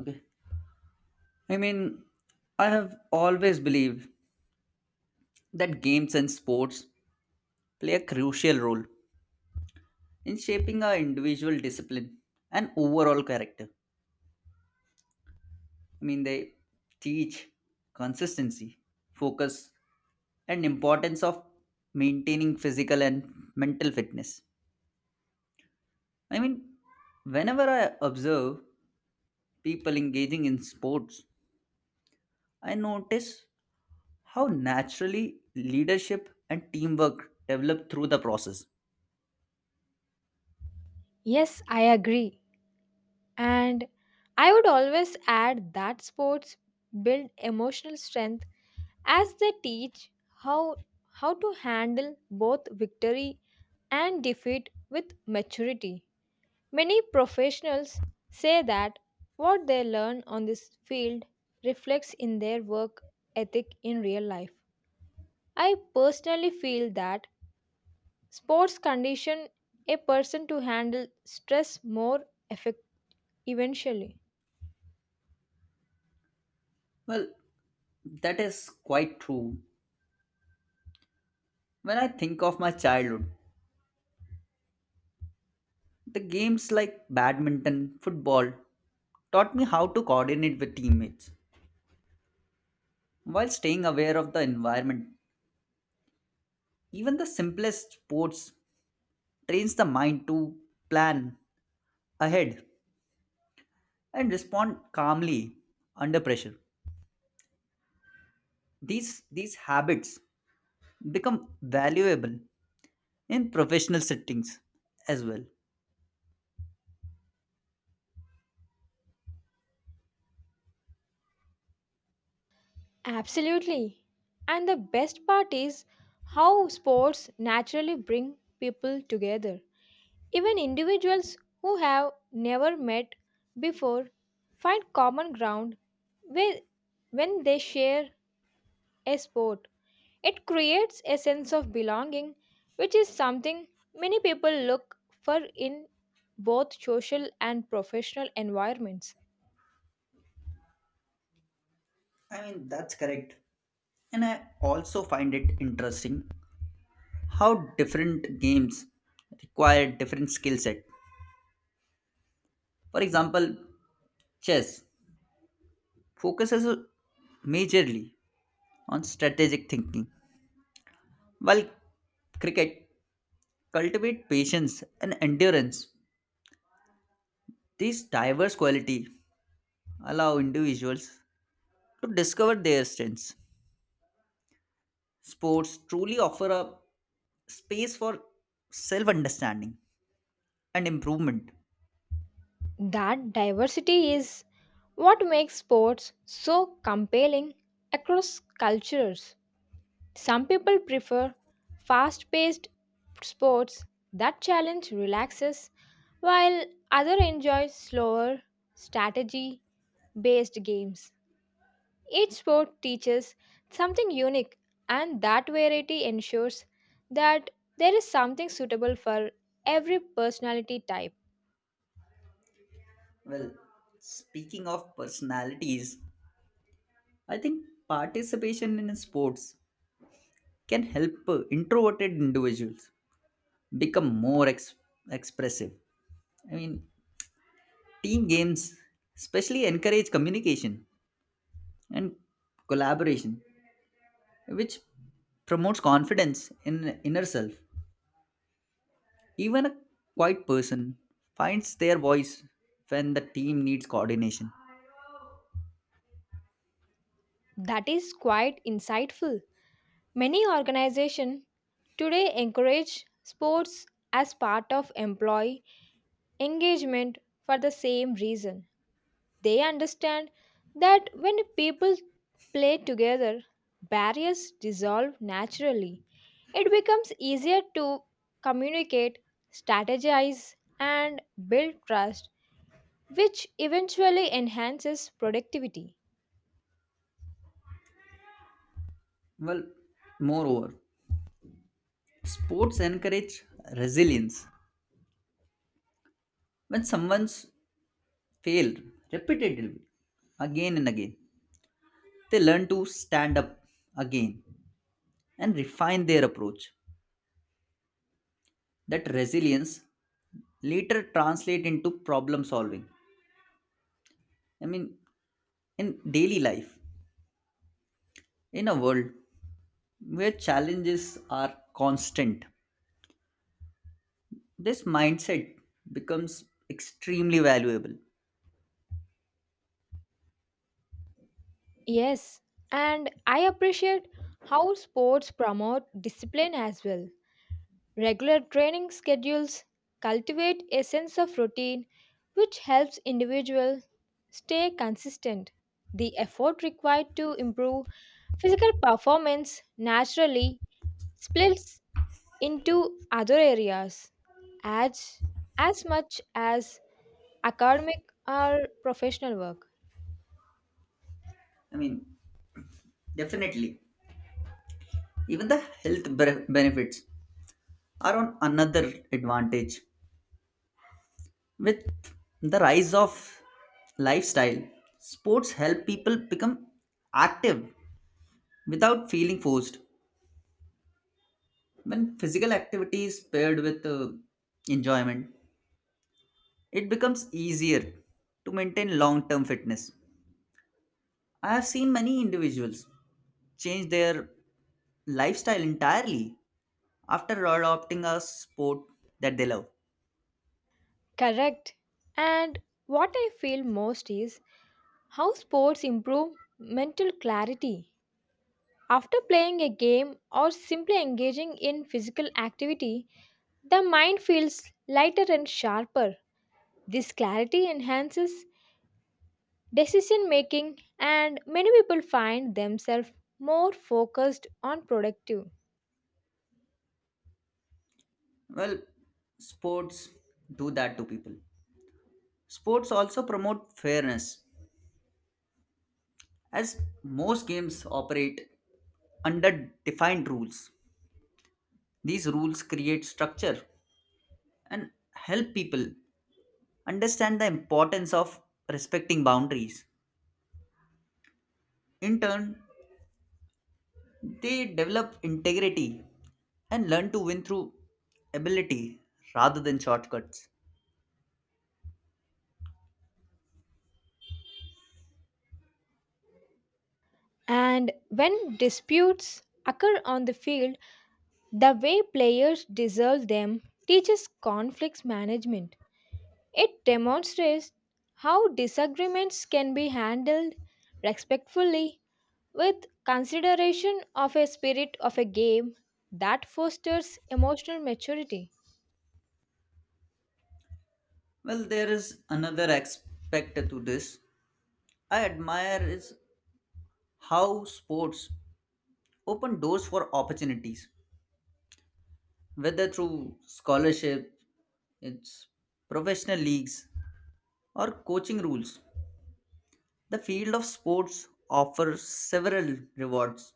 Okay. I mean, I have always believed that games and sports play a crucial role in shaping our individual discipline and overall character. They teach consistency, focus, and importance of maintaining physical and mental fitness. I mean, Whenever I observe people engaging in sports, I notice how naturally leadership and teamwork develop through the process. Yes, I agree. And I would always add that sports build emotional strength as they teach how how to handle both victory and defeat with maturity. Many professionals say that what they learn on this field reflects in their work ethic in real life. I personally feel that sports condition a person to handle stress more effect- eventually. Well, that is quite true. When I think of my childhood, the games like badminton, football taught me how to coordinate with teammates while staying aware of the environment. Even the simplest sports trains the mind to plan ahead and respond calmly under pressure. These habits become valuable in professional settings as well. Absolutely. And the best part is how sports naturally bring people together. Even individuals who have never met before find common ground with- when they share a sport. It creates a sense of belonging, which is something many people look for in both social and professional environments. That's correct. And I also find it interesting how different games require different skill set. For example, chess focuses majorly on strategic thinking, while cricket cultivate patience and endurance. These diverse qualities allow individuals to discover their strengths. Sports truly offer a space for self-understanding and improvement. That diversity is what makes sports so compelling across cultures. Some people prefer fast paced sports that challenge relaxes, while others enjoy slower, strategy based games. Each sport teaches something unique, and that variety ensures that there is something suitable for every personality type. Well, Speaking of personalities, I think participation in sports can help introverted individuals become expressive. I mean, Team games especially encourage communication and collaboration, which promotes confidence in inner self. Even a quiet person finds their voice when the team needs coordination. That is quite insightful. Many organizations today encourage sports as part of employee engagement for the same reason. They understand that when people play together, barriers dissolve naturally. It becomes easier to communicate, strategize, and build trust, which eventually enhances productivity. Well, Moreover, sports encourage resilience. When someone's failed repeatedly again and again, they learn to stand up again and refine their approach. That resilience later translate into problem solving. I mean, in daily life, in a world where challenges are constant, this mindset becomes extremely valuable. Yes, and I appreciate how sports promote discipline as well. Regular training schedules cultivate a sense of routine which helps individuals stay consistent. The effort required to improve physical performance naturally splits into other areas as, as much as academic or professional work. I mean, Definitely, even the benefits are on another advantage. With the rise of lifestyle, sports help people become active without feeling forced. When physical activity is paired with enjoyment, it becomes easier to maintain long term fitness. I have seen many individuals change their lifestyle entirely after adopting a sport that they love. Correct. And what I feel most is how sports improve mental clarity. After playing a game or simply engaging in physical activity, the mind feels lighter and sharper. This clarity enhances decision making, and many people find themselves more focused on productive. Well, sports do that to people. Sports also promote fairness. As most games operate under defined rules, these rules create structure and help people understand the importance of respecting boundaries. In turn, they develop integrity and learn to win through ability rather than shortcuts. And when disputes occur on the field, the way players resolve them teaches conflicts management. It demonstrates how disagreements can be handled respectfully with consideration of a spirit of a game that fosters emotional maturity. Well, there is another aspect to this I admire is how sports open doors for opportunities, whether through scholarship its professional leagues, or coaching rules. The field of sports offers several rewards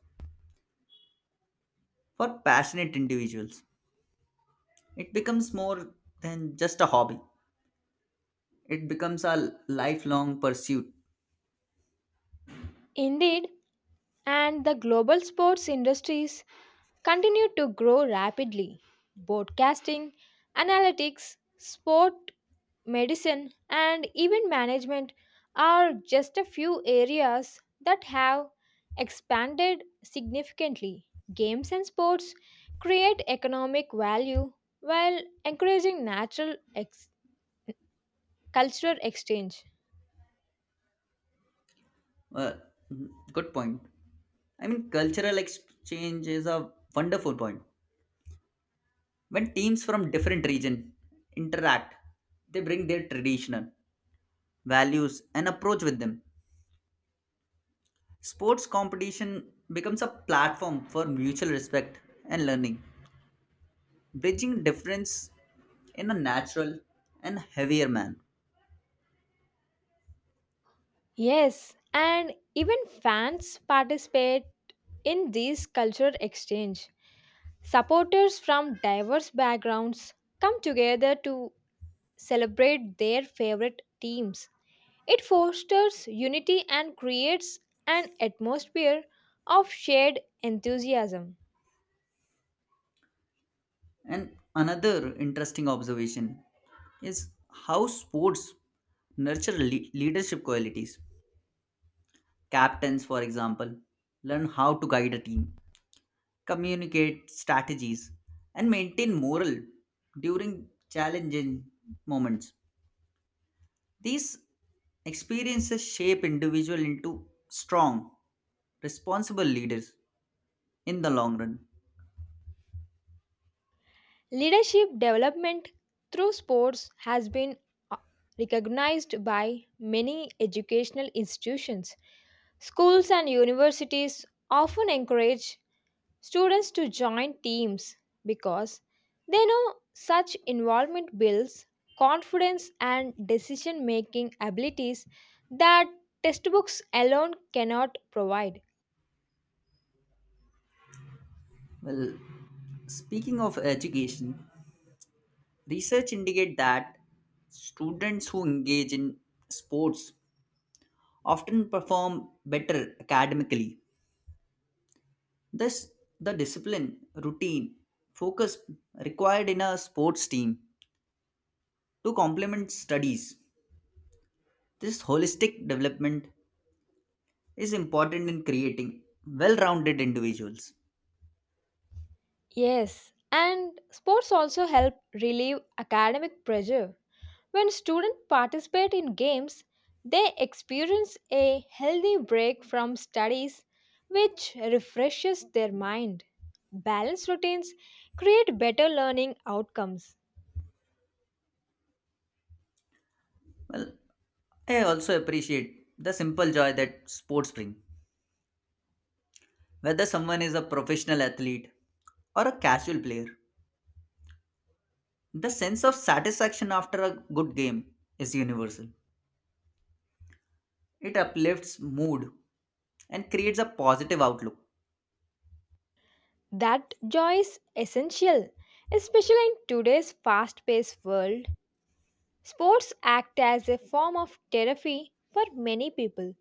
for passionate individuals. It becomes more than just a hobby, it becomes a lifelong pursuit. Indeed, and the global sports industries continue to grow rapidly. Broadcasting, analytics, sport medicine, and event management are just a few areas that have expanded significantly. Games and sports create economic value while encouraging cultural exchange. Uh, mm, Good point. Cultural exchange is a wonderful point. When teams from different region interact, they bring their traditional values and approach with them. Sports competition becomes a platform for mutual respect and learning, bridging difference in a natural and heavier man. Yes, and even fans participate in these cultural exchange. Supporters from diverse backgrounds come together to celebrate their favorite teams. It fosters unity and creates an atmosphere of shared enthusiasm. And another interesting observation is how sports nurture leadership qualities. Captains, for example, learn how to guide a team, communicate strategies, and maintain morale during challenging moments. These experiences shape individual into strong, responsible leaders in the long run. Leadership development through sports has been uh, recognized by many educational institutions. Schools and universities often encourage students to join teams because they know such involvement builds confidence and decision making abilities that textbooks alone cannot provide. Well, speaking of education, research indicate that students who engage in sports often perform better academically. Thus, the discipline, routine, focus required in a sports team to complement studies. This holistic development is important in creating well rounded individuals. Yes, and sports also help relieve academic pressure. When students participate in games, they experience a healthy break from studies which refreshes their mind. Balanced routines create better learning outcomes. Well, I also appreciate the simple joy that sports bring. Whether someone is a professional athlete or a casual player, the sense of satisfaction after a good game is universal. It uplifts mood and creates a positive outlook. That joy is essential, especially in today's fast paced world. Sports act as a form of therapy for many people,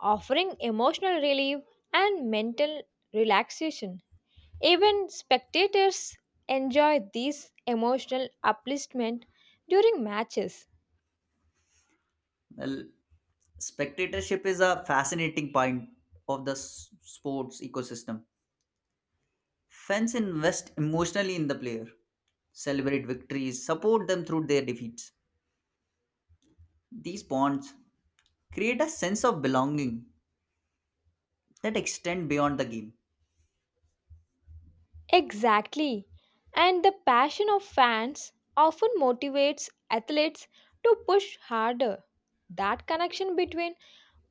offering emotional relief and mental relaxation. Even spectators enjoy this emotional upliftment during matches. Well, spectatorship is a fascinating point of the sports ecosystem. Fans invest emotionally in the player, celebrate victories, support them through their defeats. These bonds create a sense of belonging that extend beyond the game. Exactly. And the passion of fans often motivates athletes to push harder. That connection between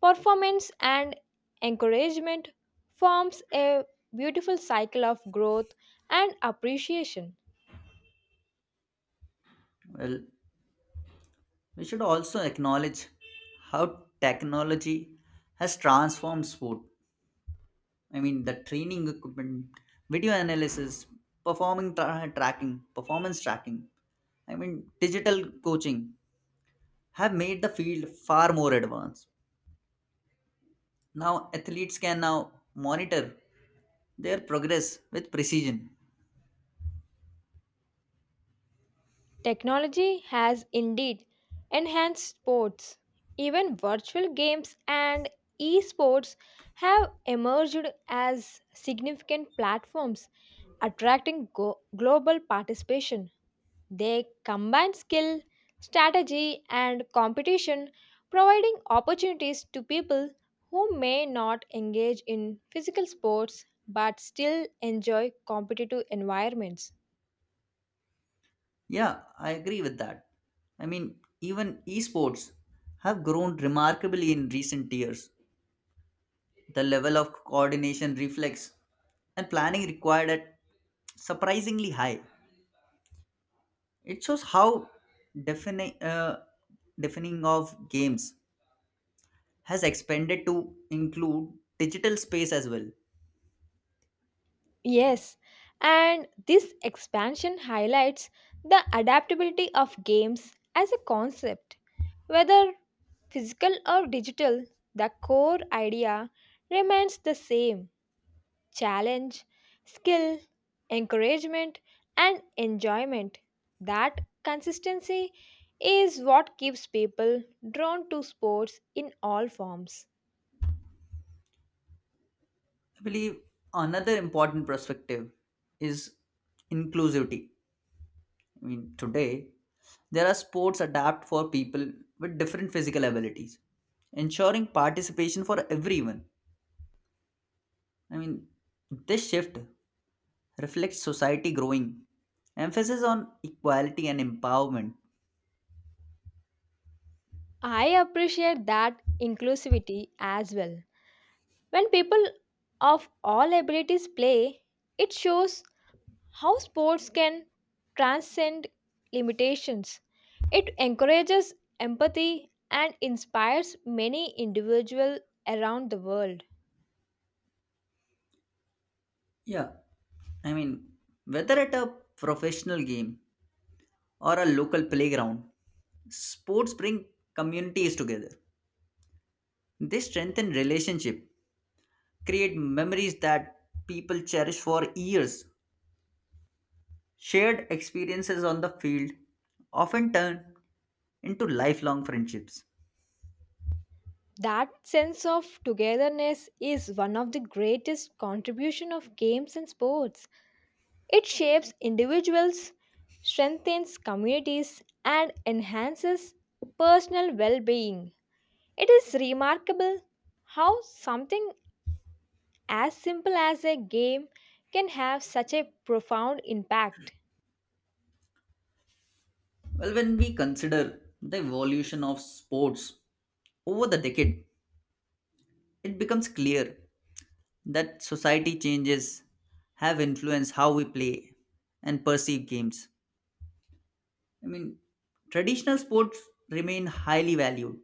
performance and encouragement forms a beautiful cycle of growth and appreciation. Well, we should also acknowledge how technology has transformed sport. The training equipment, video analysis, tracking, performance tracking, digital coaching have made the field far more advanced. Now, athletes can now monitor their progress with precision. Technology has indeed enhanced sports. Even virtual games and esports have emerged as significant platforms attracting global participation. They combine skill, strategy, and competition, providing opportunities to people who may not engage in physical sports but still enjoy competitive environments. Yeah, I agree with that. Even esports have grown remarkably in recent years. The level of coordination, reflex, and planning required at surprisingly high. It shows how defini- uh, defining of games has expanded to include digital space as well. Yes, and this expansion highlights the adaptability of games as a concept. Whether physical or digital, the core idea remains the same: challenge, skill, encouragement, and enjoyment. That consistency is what keeps people drawn to sports in all forms. I believe another important perspective is inclusivity. Today, there are sports adapt for people with different physical abilities, ensuring participation for everyone. I mean, this shift reflects society growing emphasis on equality and empowerment. I appreciate that inclusivity as well. When people of all abilities play, it shows how sports can transcend limitations. It encourages empathy and inspires many individuals around the world. Yeah, I mean, whether at a professional game or a local playground, sports bring communities together. They strengthen relationship, create memories that people cherish for years. Shared experiences on the field often turn into lifelong friendships. That sense of togetherness is one of the greatest contribution of games and sports. It shapes individuals, strengthens communities and enhances personal well-being. It is remarkable how something as simple as a game can have such a profound impact. Well, when we consider the evolution of sports over the decade, it becomes clear that society changes have influenced how we play and perceive games. I mean, Traditional sports remain highly valued,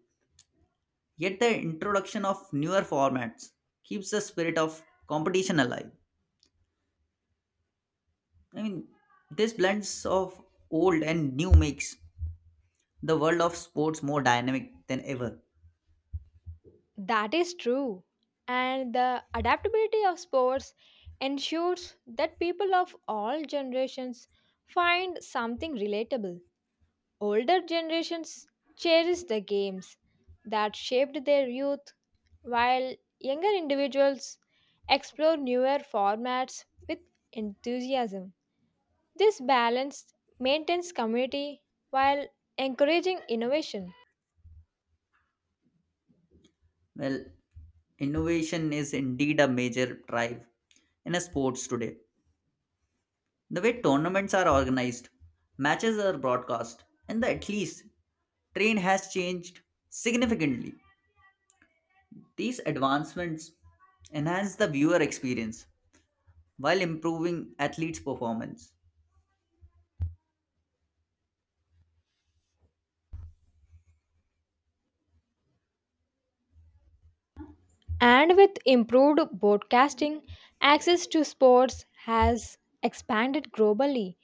yet the introduction of newer formats keeps the spirit of competition alive. I mean, this blends of old and new makes the world of sports more dynamic than ever. That is true. And the adaptability of sports ensures that people of all generations find something relatable. Older generations cherish the games that shaped their youth, while younger individuals explore newer formats with enthusiasm. This balance maintains community while encouraging innovation. Well, innovation is indeed a major drive in a sports today. The way tournaments are organized, matches are broadcast, and the at least train has changed significantly. These advancements enhance the viewer experience while improving athletes' performance. And with improved broadcasting, access to sports has expanded globally.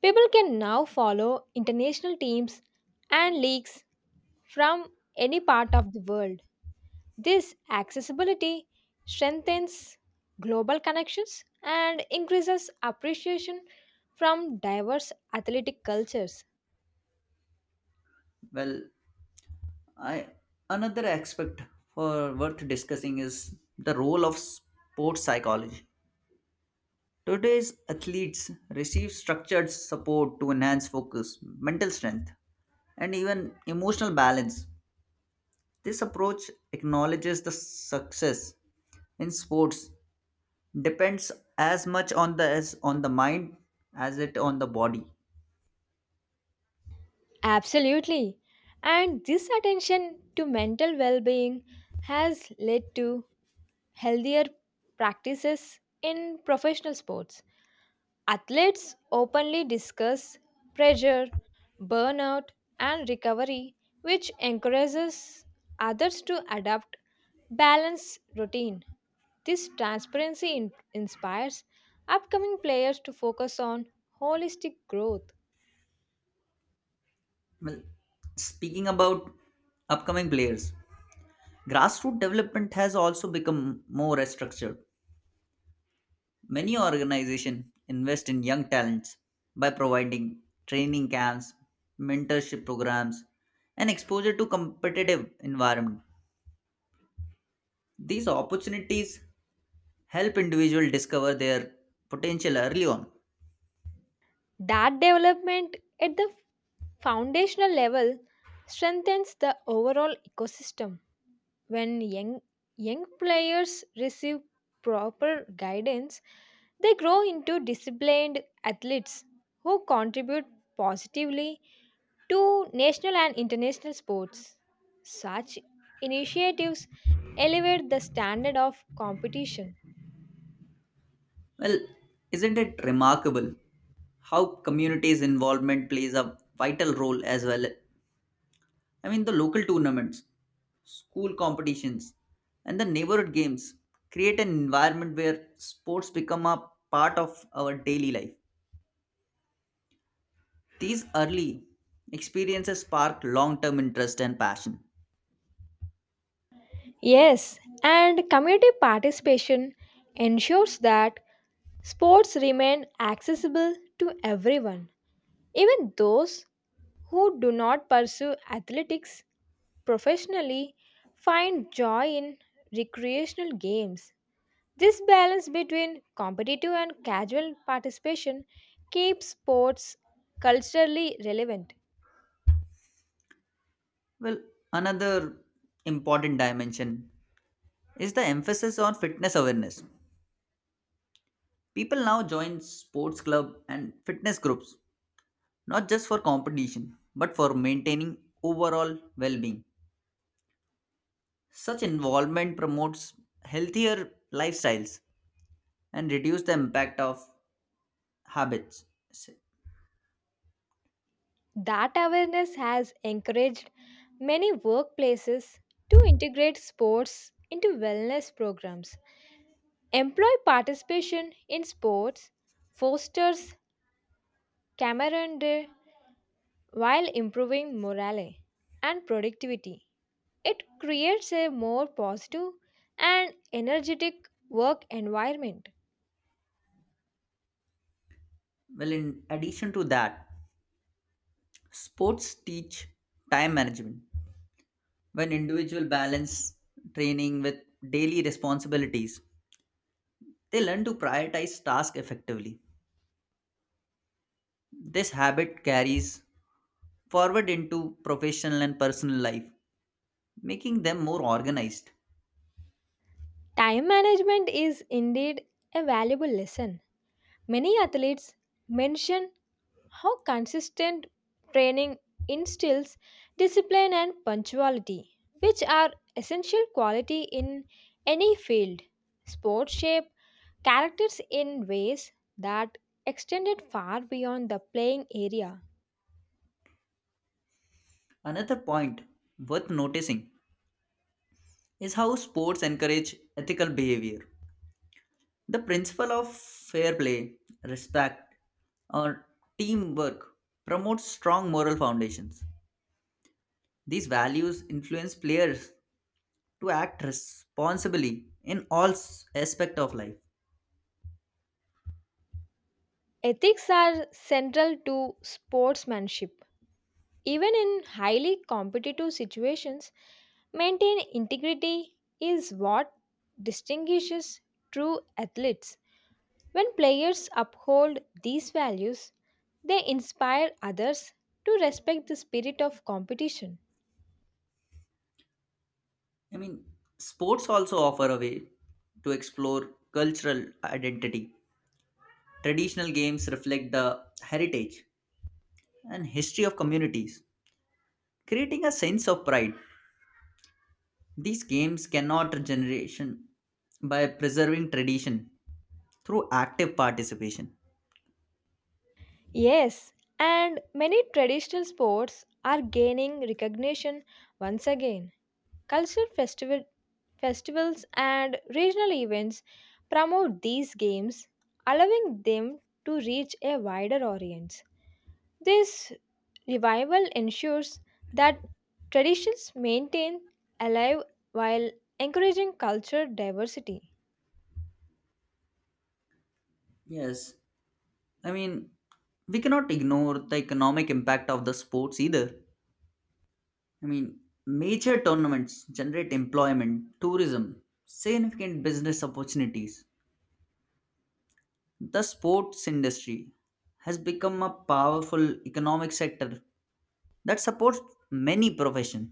People can now follow international teams and leagues from any part of the world. This accessibility strengthens global connections and increases appreciation from diverse athletic cultures. Well, I another aspect for worth discussing is the role of sports psychology. Today's athletes receive structured support to enhance focus, mental strength, and even emotional balance. This approach acknowledges the success in sports depends as on the mind as it on the body. Absolutely. And this attention to mental well being has led to healthier practices in professional sports. Athletes openly discuss pressure, burnout, and recovery, which encourages others to adopt balanced routine. This transparency inspires upcoming players to focus on holistic growth. Well, speaking about upcoming players, grassroots development has also become more structured. Many organizations invest in young talents by providing training camps, mentorship programs, and exposure to competitive environment. These opportunities help individuals discover their potential early on. That development at the foundational level strengthens the overall ecosystem. When young players receive proper guidance, they grow into disciplined athletes who contribute positively to national and international sports. Such initiatives elevate the standard of competition. Well, isn't it remarkable how communities' involvement plays a vital role as well? The local tournaments school competitions, and the neighborhood games create an environment where sports become a part of our daily life. These early experiences spark long term interest and passion. Yes, and community participation ensures that sports remain accessible to everyone, even those who do not pursue athletics professionally find joy in recreational games. This balance between competitive and casual participation keeps sports culturally relevant. Well, another important dimension is the emphasis on fitness awareness. People now join sports club and fitness groups not just for competition but for maintaining overall well-being. Such involvement promotes healthier lifestyles and reduce the impact of habits. S- That awareness has encouraged many workplaces to integrate sports into wellness programs. Employee participation in sports fosters camaraderie while improving morale and productivity. It creates a more positive and energetic work environment. Well, in addition to that, sports teach time management. When individuals balance training with daily responsibilities, they learn to prioritize tasks effectively. This habit carries forward into professional and personal life, making them more organized. Time management is indeed a valuable lesson. Many athletes mention how consistent training instills discipline and punctuality, which are essential quality in any field. Sports shape characters in ways that extended far beyond the playing area. Another point worth noticing is how sports encourage ethical behavior. The principle of fair play, respect, or teamwork promotes strong moral foundations. These values influence players to act responsibly in aspect of life. Ethics are central to sportsmanship. Even in highly competitive situations, maintain integrity is what distinguishes true athletes. When players uphold these values, they inspire others to respect the spirit of competition. I mean, Sports also offer a way to explore cultural identity. Traditional games reflect the heritage and history of communities, creating a sense of pride. These games can cannot generation by preserving tradition through active participation. Yes, and many traditional sports are gaining recognition once again. Cultural festival, festivals and regional events promote these games, allowing them to reach a wider audience. This revival ensures that traditions maintain alive while encouraging cultural diversity. Yes, I mean, we cannot ignore the economic impact of the sports either. I mean, Major tournaments generate employment, tourism, significant business opportunities. The sports industry has become a powerful economic sector that supports many professions.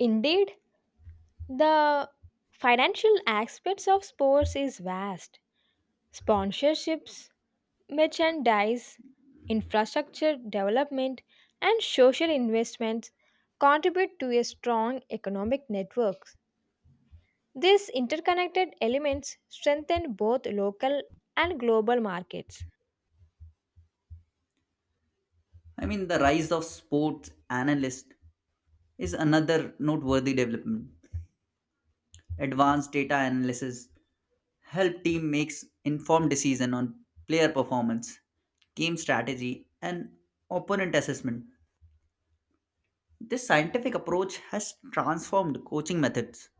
Indeed, the financial aspects of sports is vast. Sponsorships, merchandise, infrastructure development, and social investments contribute to a strong economic network. These interconnected elements strengthen both local and global markets. The rise of sports analysts is another noteworthy development. Advanced data analysis help team makes informed decision on player performance, game strategy, and opponent assessment. This scientific approach has transformed coaching methods.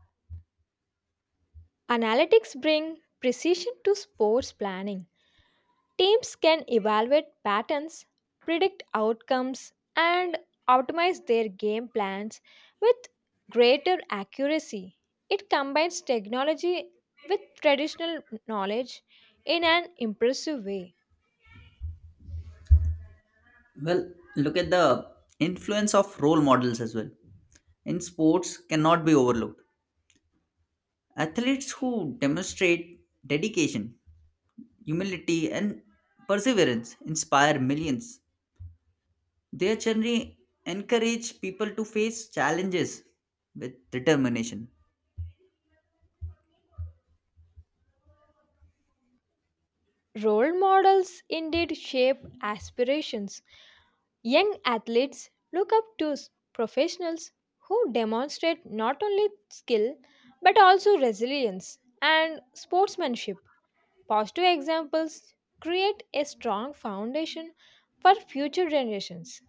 Analytics bring precision to sports planning. Teams can evaluate patterns, predict outcomes, and optimize their game plans with greater accuracy. It combines technology with traditional knowledge in an impressive way. Well, look at the influence of role models as well. In sports cannot be overlooked. Athletes who demonstrate dedication, humility, and perseverance inspire millions. Their journey encourage people to face challenges with determination. Role models indeed shape aspirations. Young athletes look up to professionals who demonstrate not only skill but also resilience and sportsmanship. Positive examples create a strong foundation for future generations.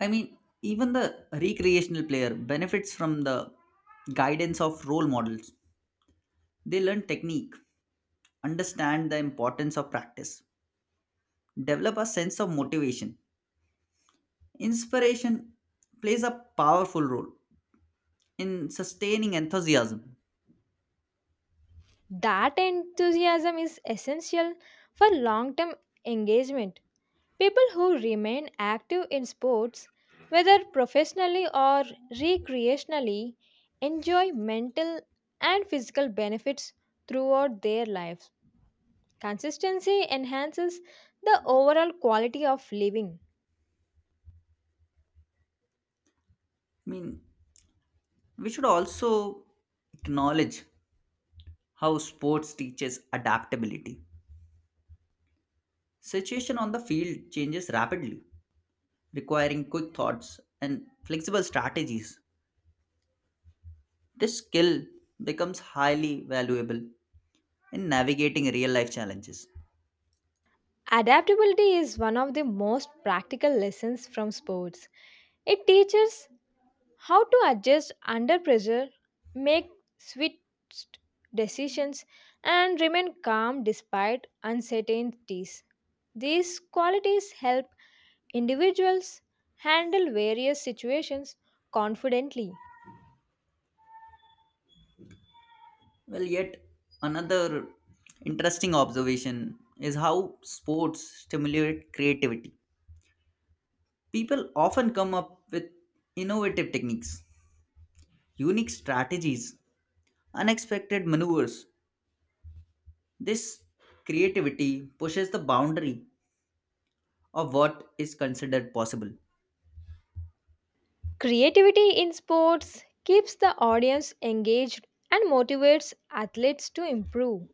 Even the recreational player benefits from the guidance of role models. They learn technique, understand the importance of practice, develop a sense of motivation. Inspiration plays a powerful role in sustaining enthusiasm. That enthusiasm is essential for long term engagement. People who remain active in sports, whether professionally or recreationally, enjoy mental and physical benefits throughout their lives. Consistency enhances the overall quality of living. I mean, we should also acknowledge how sports teaches adaptability. Situation on the field changes rapidly, requiring quick thoughts and flexible strategies. This skill becomes highly valuable in navigating real life challenges. Adaptability is one of the most practical lessons from sports. It teaches how to adjust under pressure, make swift decisions, and remain calm despite uncertainties. These qualities help individuals handle various situations confidently. Well, yet another interesting observation is how sports stimulate creativity. People often come up with innovative techniques, unique strategies, unexpected maneuvers. This creativity pushes the boundary of what is considered possible. Creativity in sports keeps the audience engaged and motivates athletes to improve.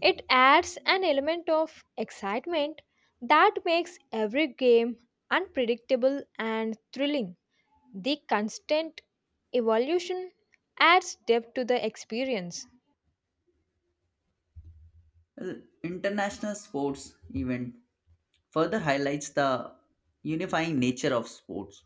It adds an element of excitement that makes every game unpredictable and thrilling. The constant evolution adds depth to the experience. Well, international sports event further highlights the unifying nature of sports.